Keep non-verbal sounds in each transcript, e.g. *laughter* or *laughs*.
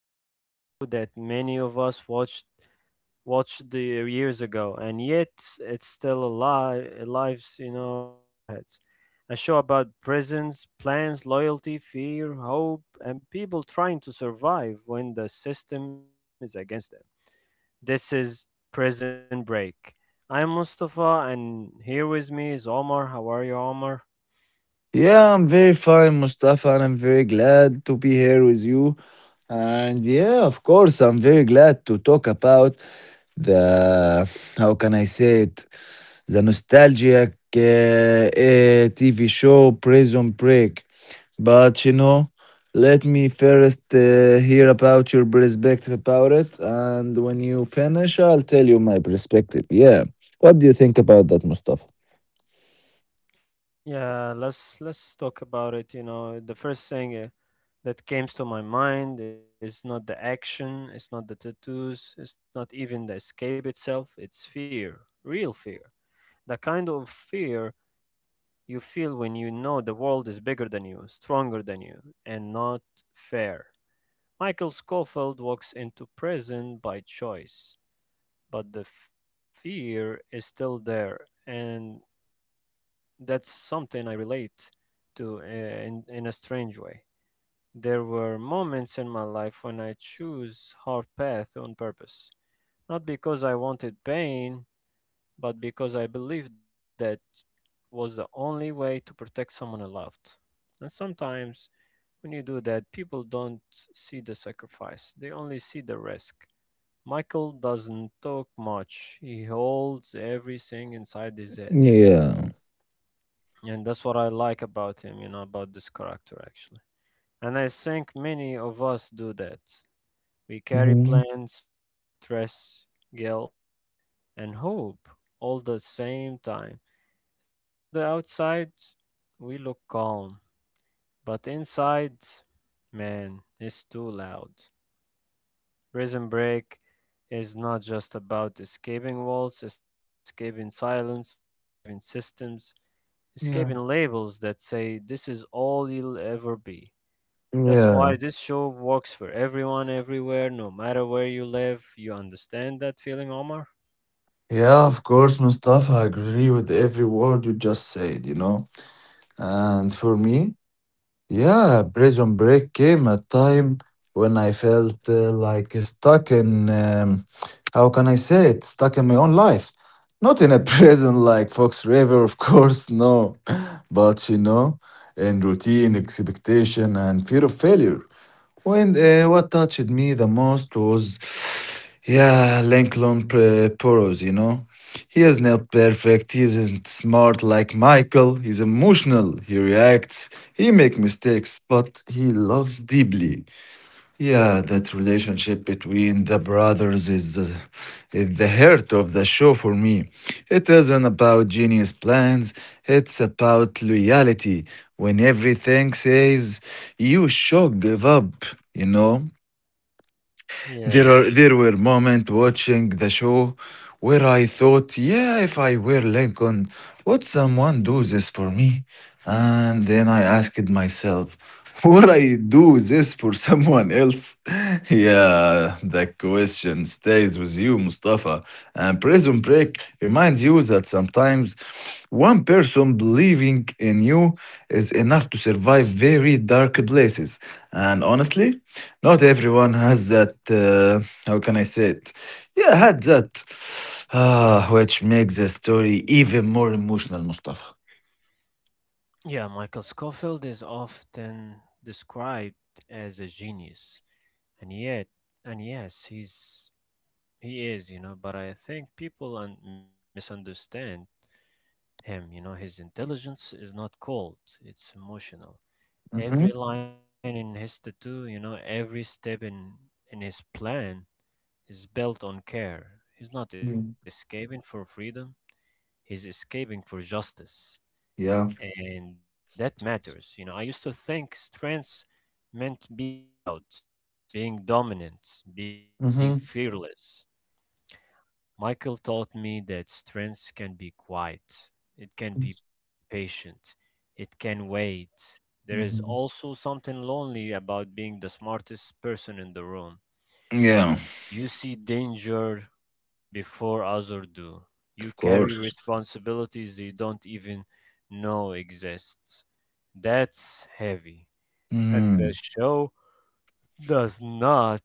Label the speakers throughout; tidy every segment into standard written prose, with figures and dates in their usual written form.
Speaker 1: about a show that many of us watched watched the years ago, and yet it's still alive, you know, in our heads. A show about prisons, plans, loyalty, fear, hope, and people trying to survive when the system is against them. This is Prison Break. I'm Mustafa, and here with me is Omar. How are you, Omar?
Speaker 2: Yeah, I'm very fine, Mustafa, and I'm very glad to be here with you. And yeah, of course, I'm very glad to talk about the how can I say it, the nostalgic TV show Prison Break. But you know, let me first hear about your perspective about it, and when you finish, I'll tell you my perspective. Yeah, what do you think about that, Mustafa?
Speaker 1: Yeah, let's talk about it. You know, the first thing that comes to my mind is not the action, it's not the tattoos, it's not even the escape itself, it's fear, real fear. The kind of fear you feel when you know the world is bigger than you, stronger than you, and not fair. Michael Scofield walks into prison by choice, but the fear is still there, and that's something I relate to in, a strange way. There were moments in my life when I chose hard path on purpose, not because I wanted pain, but because I believed that was the only way to protect someone I loved. And sometimes when you do that, people don't see the sacrifice, they only see the risk. Michael doesn't talk much. He holds everything inside his head.
Speaker 2: Yeah.
Speaker 1: And that's what I like about him, you know, about this character actually. And I think many of us do that. We carry
Speaker 2: Hmm.
Speaker 1: plans, stress, guilt, and hope all the same time. And from the outside, we look calm. But inside, man, it's too loud. Prison break is not just about escaping walls, it's about escaping silence, escaping systems,
Speaker 2: Yeah.
Speaker 1: escaping labels that say this is all you'll ever be. That's why
Speaker 2: Yeah.
Speaker 1: this show works for everyone, everywhere, no matter where you live. You understand that feeling, Omar?
Speaker 2: Yeah, of course, Mustafa. I agree with every word you just said, you know. And for me, yeah, Prison Break came a time when I felt like stuck in how can I say it? Stuck in my own life. Not in a *laughs* prison like Fox River, of course, no. But you know, in routine, expectation, and fear of failure. When what touched me the most was, yeah, Poros, you know. He is not perfect. He isn't smart like Michael. He's emotional. He reacts. He makes mistakes, but he loves deeply. Yeah, that relationship between the brothers is the heart of the show for me. It isn't about genius plans. It's about loyalty. When everything says you should give up, you know.
Speaker 1: Yeah.
Speaker 2: There were moments watching the show where I thought, yeah, if I were Lincoln, would someone do this for me? And then I asked myself, would I do this for someone else? *laughs* Yeah, the question stays with you, Mustafa. And Prison Break reminds you that sometimes one person believing in you is enough to survive very dark places. And honestly, not everyone has that. Uh, how can I say it? Yeah, had that. *sighs* Ah, which makes the story even more emotional, Mustafa.
Speaker 1: Yeah, Michael Scofield is often described as a genius. And yet, and yes, he is, you know, but I think people misunderstand him, you know, his intelligence is not cold, it's emotional.
Speaker 2: Mhm.
Speaker 1: Every line in his tattoo, you know, every step in his plan is built on care. He's not
Speaker 2: Mm.
Speaker 1: escaping for freedom, he's escaping for justice.
Speaker 2: Yeah.
Speaker 1: And that matters. You know, I used to think strength meant being loud, being dominant, being
Speaker 2: Mhm.
Speaker 1: fearless. Michael taught me that strength can be quiet, it can be patient, it can wait. There is
Speaker 2: Mhm.
Speaker 1: also something lonely about being the smartest person in the room.
Speaker 2: Yeah,
Speaker 1: You see danger before others do. You
Speaker 2: of
Speaker 1: carry
Speaker 2: course.
Speaker 1: responsibilities you don't even know exists. That's heavy. And
Speaker 2: Mhm.
Speaker 1: the show does not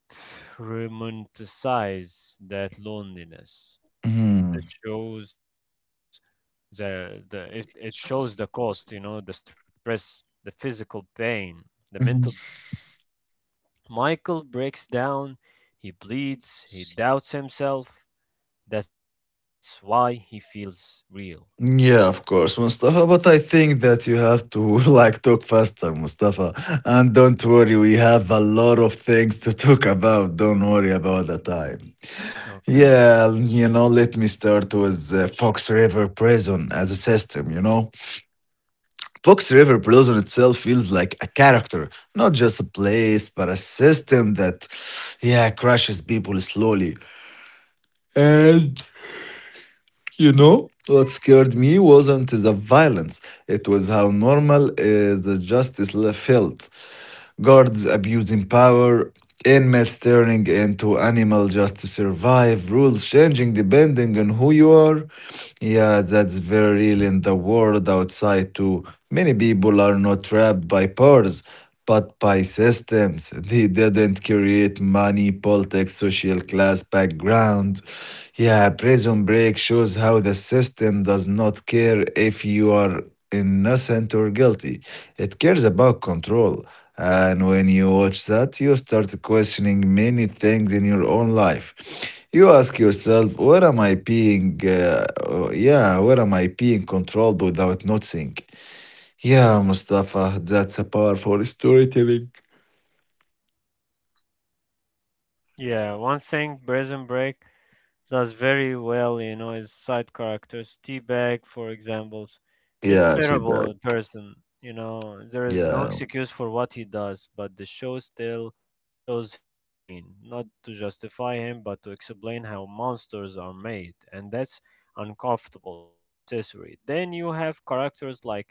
Speaker 1: romanticize that loneliness.
Speaker 2: Mhm.
Speaker 1: It shows the it, it shows the cost, you know, the stress, the physical pain, the
Speaker 2: Mhm.
Speaker 1: mental pressure. Michael breaks down, he bleeds, he doubts himself. That's why he feels real.
Speaker 2: Yeah, of course, Mustafa. But I think that you have to *laughs* like talk faster, Mustafa. And don't worry, we have a lot of things to talk about. Don't worry about the time.
Speaker 1: Okay.
Speaker 2: Yeah, you know, let me start with Fox River Prison as a system, you know. Fox River Prison itself feels like a character, not just a place, but a system that, yeah, crushes people slowly. And you know, what scared me wasn't the violence, it was how normal felt guards abusing power, inmates turning into animal just to survive, rules changing depending on who you are. Yeah, that's very real in the world outside too. Many people are not trapped by powers, but by systems. They didn't create money, politics, social class background. Yeah, Prison Break shows how the system does not care if you are innocent or guilty. It cares about control. And when you watch that, you start questioning many things in your own life. You ask yourself, where am I being, yeah, where am I being controlled without noticing? Yeah, Mustafa, that's a powerful storytelling.
Speaker 1: Yeah, one thing Prison Break does very well, you know, is side characters. T-Bag, for example, he's
Speaker 2: Yeah, Jibel.
Speaker 1: terrible person. You know, there is no
Speaker 2: Yeah.
Speaker 1: excuse for what he does, but the show still shows his pain, not to justify him, but to explain how monsters are made, and that's uncomfortable but necessary. Then you have characters like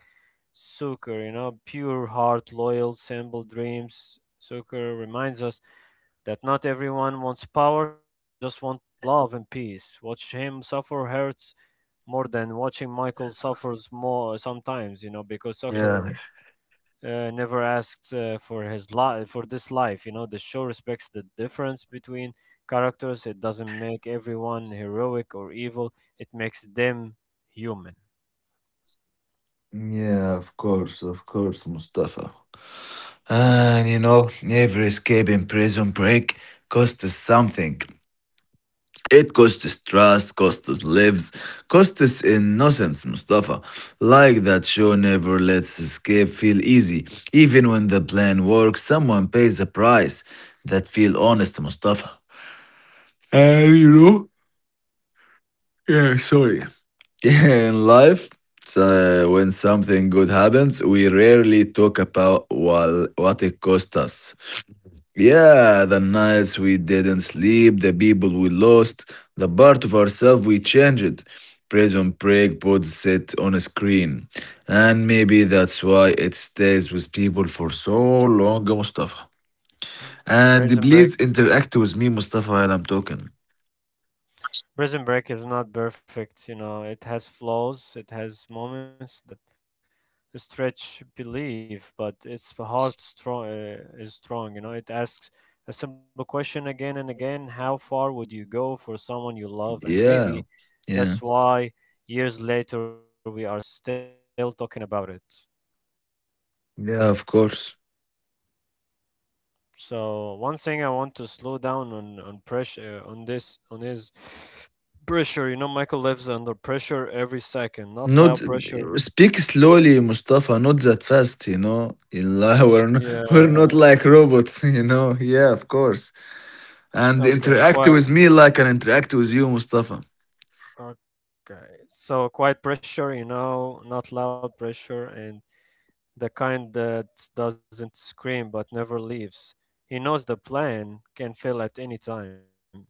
Speaker 1: Sucker, you know, pure heart, loyal, simple dreams. Sucker reminds us that not everyone wants power, some people just want love and peace. Watch him suffer hurts more than watching Michael suffers more sometimes, you know, because
Speaker 2: Yeah.
Speaker 1: soccer never asked for his life for this life, you know. The show respects the difference between characters. It doesn't make everyone heroic or evil. It makes them human.
Speaker 2: Yeah, of course, Mustafa. And you know, every escape in prison break costs something. It costs trust, costs lives, costs innocence, Mustafa. Like that show never lets escape feel easy. Even when the plan works, someone pays a price. That feel honest, Mustafa. And you know, yeah, sorry. *laughs* In life, when something good happens, we rarely talk about well, what it cost us. Yeah, the nights we didn't sleep, the people we lost, the part of ourselves we changed. Prison break puts it on a screen. And maybe that's why it stays with people for so long, Mustafa.
Speaker 1: Prison Break
Speaker 2: And please interact with me, Mustafa, while I'm talking.
Speaker 1: Prison Break is not perfect, you know. It has flaws, it has moments that stretch belief, but it's hard strong is strong. You know, it asks a simple question again and again: how far would you go for someone you love? And
Speaker 2: Yeah,
Speaker 1: maybe
Speaker 2: yeah,
Speaker 1: that's why years later we are still talking about it.
Speaker 2: yeah, of course.
Speaker 1: So one thing I want to slow down on is pressure. You know, Michael lives under pressure every second, not loud
Speaker 2: Not
Speaker 1: pressure.
Speaker 2: speak slowly, Mustafa, not that fast, you know. *laughs*
Speaker 1: Yeah.
Speaker 2: We're not like robots, *laughs* you know. Yeah, of course.
Speaker 1: Okay.
Speaker 2: And
Speaker 1: Quiet
Speaker 2: interact with me like I interact with you, Mustafa.
Speaker 1: Okay. So quiet pressure, you know, not loud pressure, and the kind that doesn't scream but never leaves. He knows the plan can fail at any time.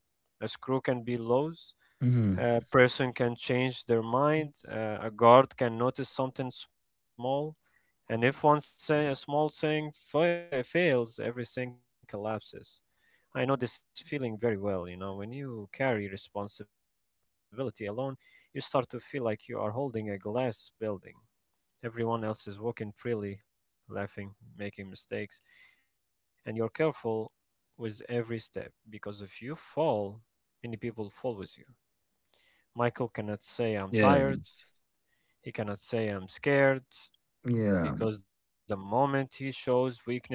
Speaker 1: A screw can be loose, a
Speaker 2: Hmm.
Speaker 1: person can change their mind, a guard can notice something small, and if one say a small thing fails, everything collapses. I know this feeling very well, you know, when you carry responsibility alone, you start to feel like you are holding a glass building. Everyone else is walking freely, laughing, making mistakes, and you're careful with every step because if you fall, many people fall with you. Michael cannot say I'm
Speaker 2: Yeah.
Speaker 1: tired, he cannot say I'm scared
Speaker 2: Yeah.
Speaker 1: because the moment he shows weakness,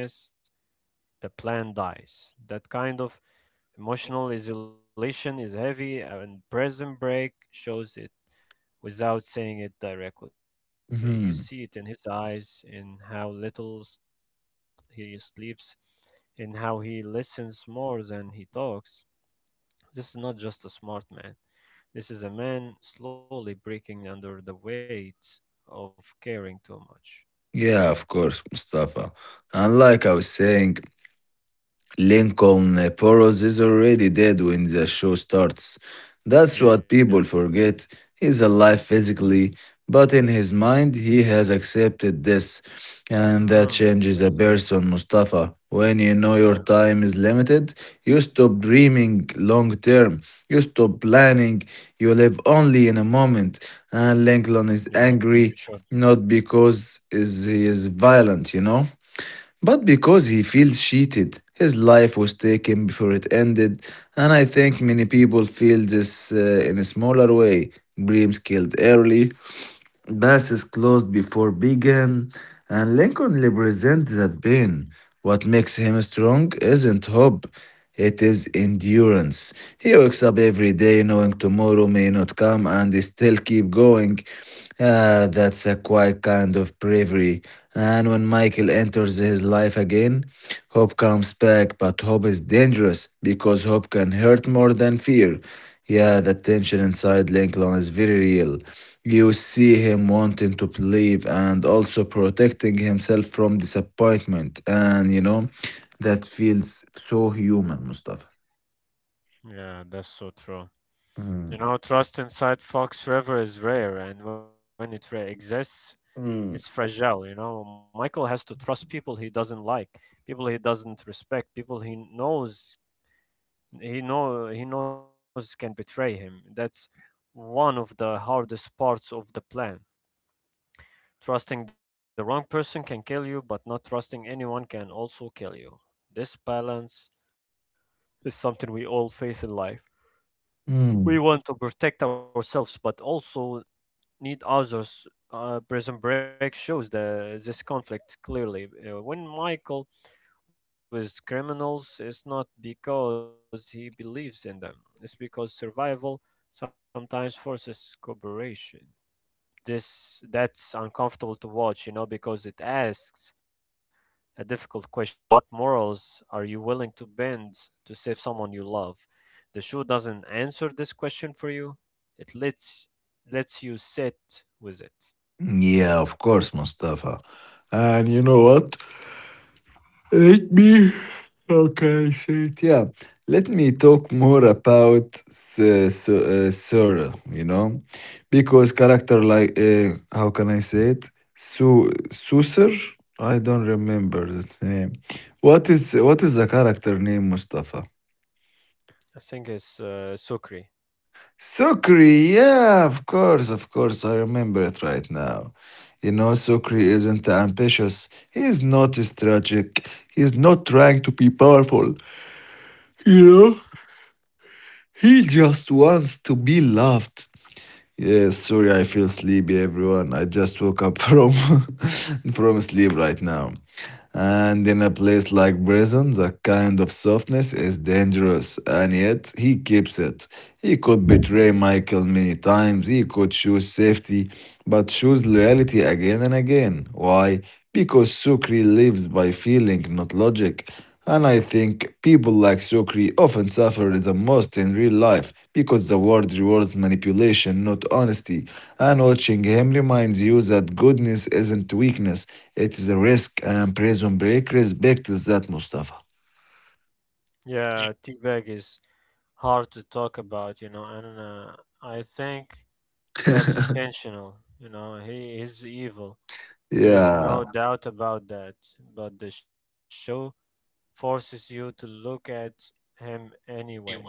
Speaker 1: the plant dies. That kind of emotional isolation is heavy, and Prison Break shows it without saying it directly. You see it in
Speaker 2: Hmm.
Speaker 1: his eyes, in how little he sleeps, in how he listens more than he talks. This is not just a smart man. This is a man slowly breaking under the weight of caring too much.
Speaker 2: Yeah, of course, Mustafa. And like I was saying, Lincoln Poros is already dead when the show starts. That's
Speaker 1: Yeah.
Speaker 2: what people forget. He's alive physically, but in his mind, he has accepted this.
Speaker 1: Mm,
Speaker 2: And that
Speaker 1: I
Speaker 2: changes
Speaker 1: see.
Speaker 2: a person, Mustafa. When you know
Speaker 1: Yeah.
Speaker 2: your time is limited, you stop dreaming long term. You stop planning. You live only in a moment. And
Speaker 1: Yeah.
Speaker 2: Lincoln is
Speaker 1: You sure?
Speaker 2: angry, not because he is violent, you know? But because he feels cheated, his life was taken before it ended, and I think many people feel this in a smaller way. Dreams killed early, passes closed before began, and Lincoln represents that pain. What makes him strong isn't hope, it is endurance. He wakes up every day knowing tomorrow may not come and still keep going. Ah, that's a quiet kind of bravery. And when Michael enters his life again, hope comes back, but hope is dangerous because hope can hurt more than fear. Yeah, the tension inside Lincoln is very real. You see him wanting to believe and also protecting himself from disappointment. And you know, that feels so human, Mustafa.
Speaker 1: Yeah, that's so true. You
Speaker 2: Mm.
Speaker 1: know, trust inside Fox River is rare, and when it exists, it's
Speaker 2: Mm.
Speaker 1: fragile. You know, Michael has to trust people he doesn't like, people he doesn't respect, people he knows can betray him. That's one of the hardest parts of the plan. Trusting the wrong person can kill you, but not trusting anyone can also kill you. This balance is something we all face in life. We
Speaker 2: Mm.
Speaker 1: want to protect ourselves, but also need others. Prison Break shows the this conflict clearly. When Michael works with criminals, it's not because he believes in them. It's because survival sometimes forces cooperation. This that's uncomfortable to watch, you know, because it asks a difficult question. What morals are you willing to bend to save someone you love? The show doesn't answer this question for you. It lets you sit with it.
Speaker 2: Yeah, of course, Mustafa. And you know what? Let me. Okay, shit. Yeah. Let me talk more about Sarah, you know, because character like, how can I say it? Su Susar? I don't remember that name. What is the character name, Mustafa?
Speaker 1: I think it's Sukri.
Speaker 2: Sukri, yeah, of course, I remember it right now. You know, Sukri isn't ambitious. He's not strategic. He's not trying to be powerful. You know? He just wants to be loved. Yes, sorry, I feel sleepy, everyone. I just woke up from *laughs* from sleep right now. And in a place like prison, that kind of softness is dangerous, and yet he keeps it. He could betray Michael many times, he could choose safety, but choose loyalty again and again. Why? Because Sukri lives by feeling, not logic. And I think people like Sokri often suffer the most in real life because the world rewards manipulation, not honesty. And watching him reminds you that goodness isn't weakness, it is a risk, and Prison Break respects that, Mustafa. *laughs*
Speaker 1: Yeah, teabag is hard to talk about, you know, and I think that's intentional. You know, he is evil. There is no
Speaker 2: Yeah,
Speaker 1: doubt about that. But the show forces you to look at him anyway,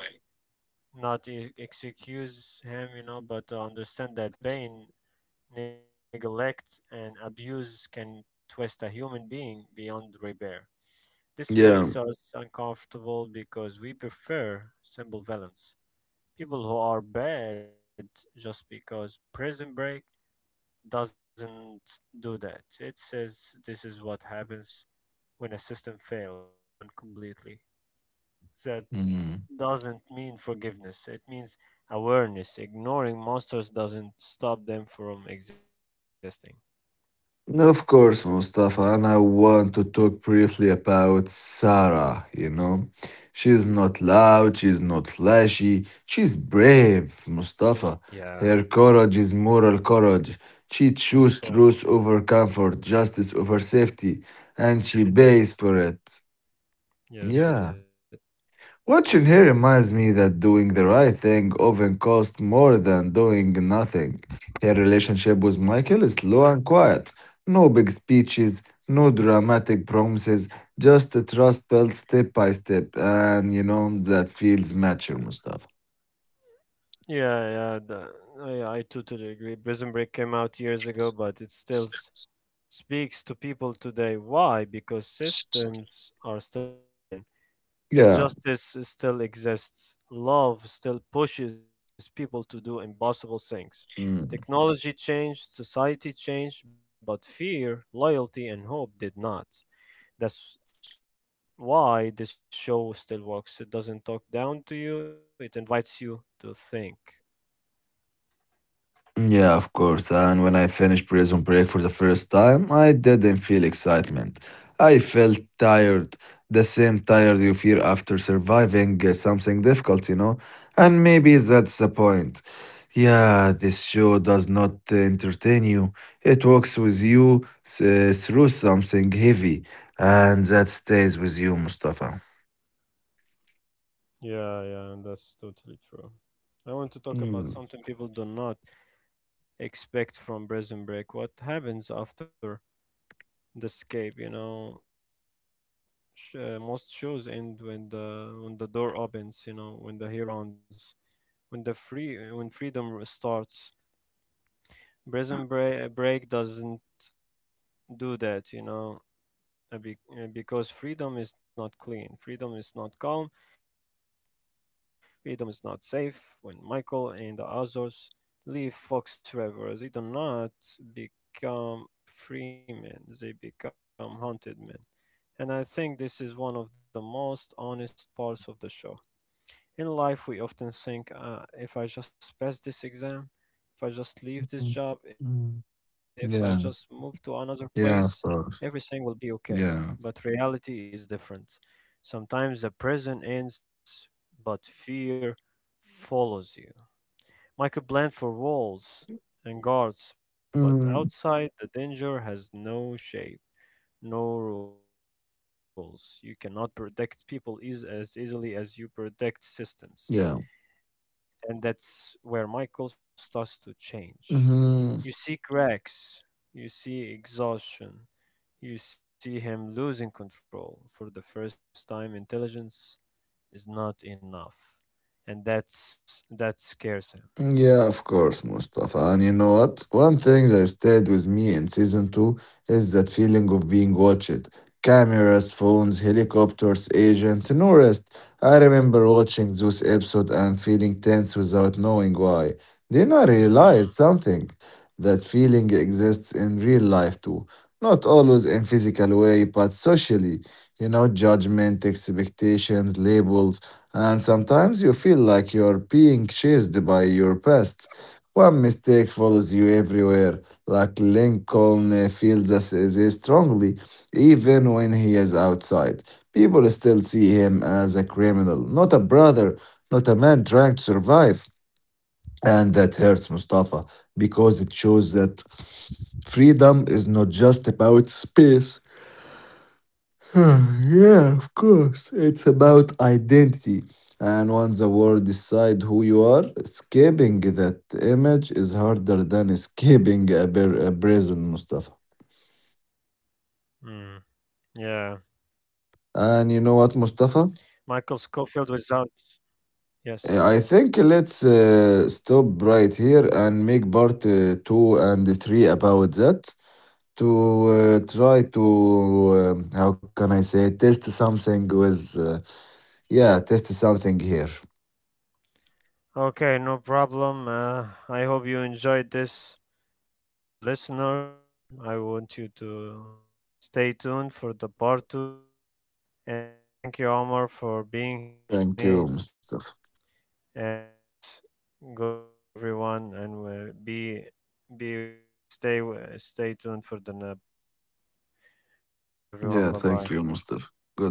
Speaker 1: not e- excuse him, you know, but understand that pain, neglect, and abuse can twist a human being beyond repair. This makes
Speaker 2: yeah.
Speaker 1: us uncomfortable because we prefer simple villains. People who are bad just because. Prison Break doesn't do that. It says this is what happens when a system fails someone completely. That
Speaker 2: Mm.
Speaker 1: doesn't mean forgiveness. It means awareness. Ignoring monsters doesn't stop them from existing.
Speaker 2: No, of course, Mustafa, and I want to talk briefly about Sarah, you know. She's not loud, she's not flashy, she's brave, Mustafa.
Speaker 1: Yeah,
Speaker 2: Her courage is moral courage. She
Speaker 1: I
Speaker 2: chooses
Speaker 1: saw.
Speaker 2: truth over comfort, justice over safety, and
Speaker 1: She
Speaker 2: she
Speaker 1: did.
Speaker 2: pays for it.
Speaker 1: Yes, she did.
Speaker 2: Yeah. Watching her reminds me that doing the right thing often costs more than doing nothing. Her relationship with Michael is slow and quiet. No big speeches, no dramatic promises, just a trust built step by step. And you know, that feels mature, Mustafa.
Speaker 1: Yeah, I totally agree. Prison Break came out years ago, but it still speaks to people today. Why? Because systems are still broken.
Speaker 2: Yeah.
Speaker 1: Injustice still exists. Love still pushes people to do impossible things.
Speaker 2: Mm.
Speaker 1: Technology changed, society changed, but fear, loyalty, and hope did not. That's why this show still works. It doesn't talk down to you, it invites you to think.
Speaker 2: Yeah, of course. And when I finished prison break for the first time, I didn't feel excitement. I felt tired, the same tired you feel after surviving something difficult, you know? And maybe that's the point. Yeah, this show does not entertain you, it walks with you through something heavy, and that stays with you, Mustafa.
Speaker 1: Yeah, yeah, and that's totally true. I
Speaker 2: Mm,
Speaker 1: want to talk about something people do not expect from Prison Break. What happens after the escape, you know? Most shows end when the door opens, you know, when the hero runs, when the free when freedom starts. Break doesn't do that, you know, because freedom is not clean, freedom is not calm, freedom is not safe. When Michael and the others leave Fox forever, they do not become free men, they become haunted men. And I think this is one of the most honest parts of the show. In life, we often think, if I just pass this exam, if I just leave
Speaker 2: mm,
Speaker 1: this job, if
Speaker 2: mm.
Speaker 1: I just move
Speaker 2: Yeah,
Speaker 1: to another place,
Speaker 2: yeah, of course.
Speaker 1: everything will be okay.
Speaker 2: Yeah.
Speaker 1: But reality is different. Sometimes the present ends, but fear follows you. Michael planned for walls and guards, but outside the danger has no shape. No rules. You cannot predict people is as easily as you predict systems.
Speaker 2: Yeah.
Speaker 1: And that's where Michael starts to change.
Speaker 2: Hmm.
Speaker 1: You see cracks, you see exhaustion, you see him losing control. For the first time, intelligence is not enough. And that scares him.
Speaker 2: Yeah, of course, Mustafa. And you know what? One thing that stayed with me in season two is that feeling of being watched. Cameras, phones, helicopters, agent, no rest. I remember watching those episodes and feeling tense without knowing why. Then I realized
Speaker 1: Mm,
Speaker 2: something. That feeling exists in real life too. Not always in physical way, but socially. You know, judgment, expectations, labels, and sometimes you feel like you're being chased by your past one mistake follows you everywhere, like Lincoln feels this strongly, even when he is outside. People still see him as a criminal, not a brother, not a man trying to survive. And that hurts Mustafa because it shows that freedom is not just about space. *sighs* Ah, yeah, of course. It's about identity. And once the world decide who you are, escaping that image is harder than escaping a prison, Mustafa.
Speaker 1: mm. Yeah. Michael
Speaker 2: And you know
Speaker 1: Schofield
Speaker 2: what,
Speaker 1: without
Speaker 2: Mustafa?
Speaker 1: yes.
Speaker 2: I think let's stop right here and make part two and three about that to try to how can I say test something with yeah test something here.
Speaker 1: Okay, no problem. I hope you enjoyed this. For the listeners, I want you to stay tuned for the part 2. And thank you, Omar, for being here
Speaker 2: Thank
Speaker 1: with
Speaker 2: you,
Speaker 1: me.
Speaker 2: Mustafa.
Speaker 1: And good luck, everyone. And be like stay stay tuned for the part two. Goodbye,
Speaker 2: Yeah,
Speaker 1: everyone.
Speaker 2: thank
Speaker 1: Bye
Speaker 2: you,
Speaker 1: bye.
Speaker 2: Mustafa. Goodbye.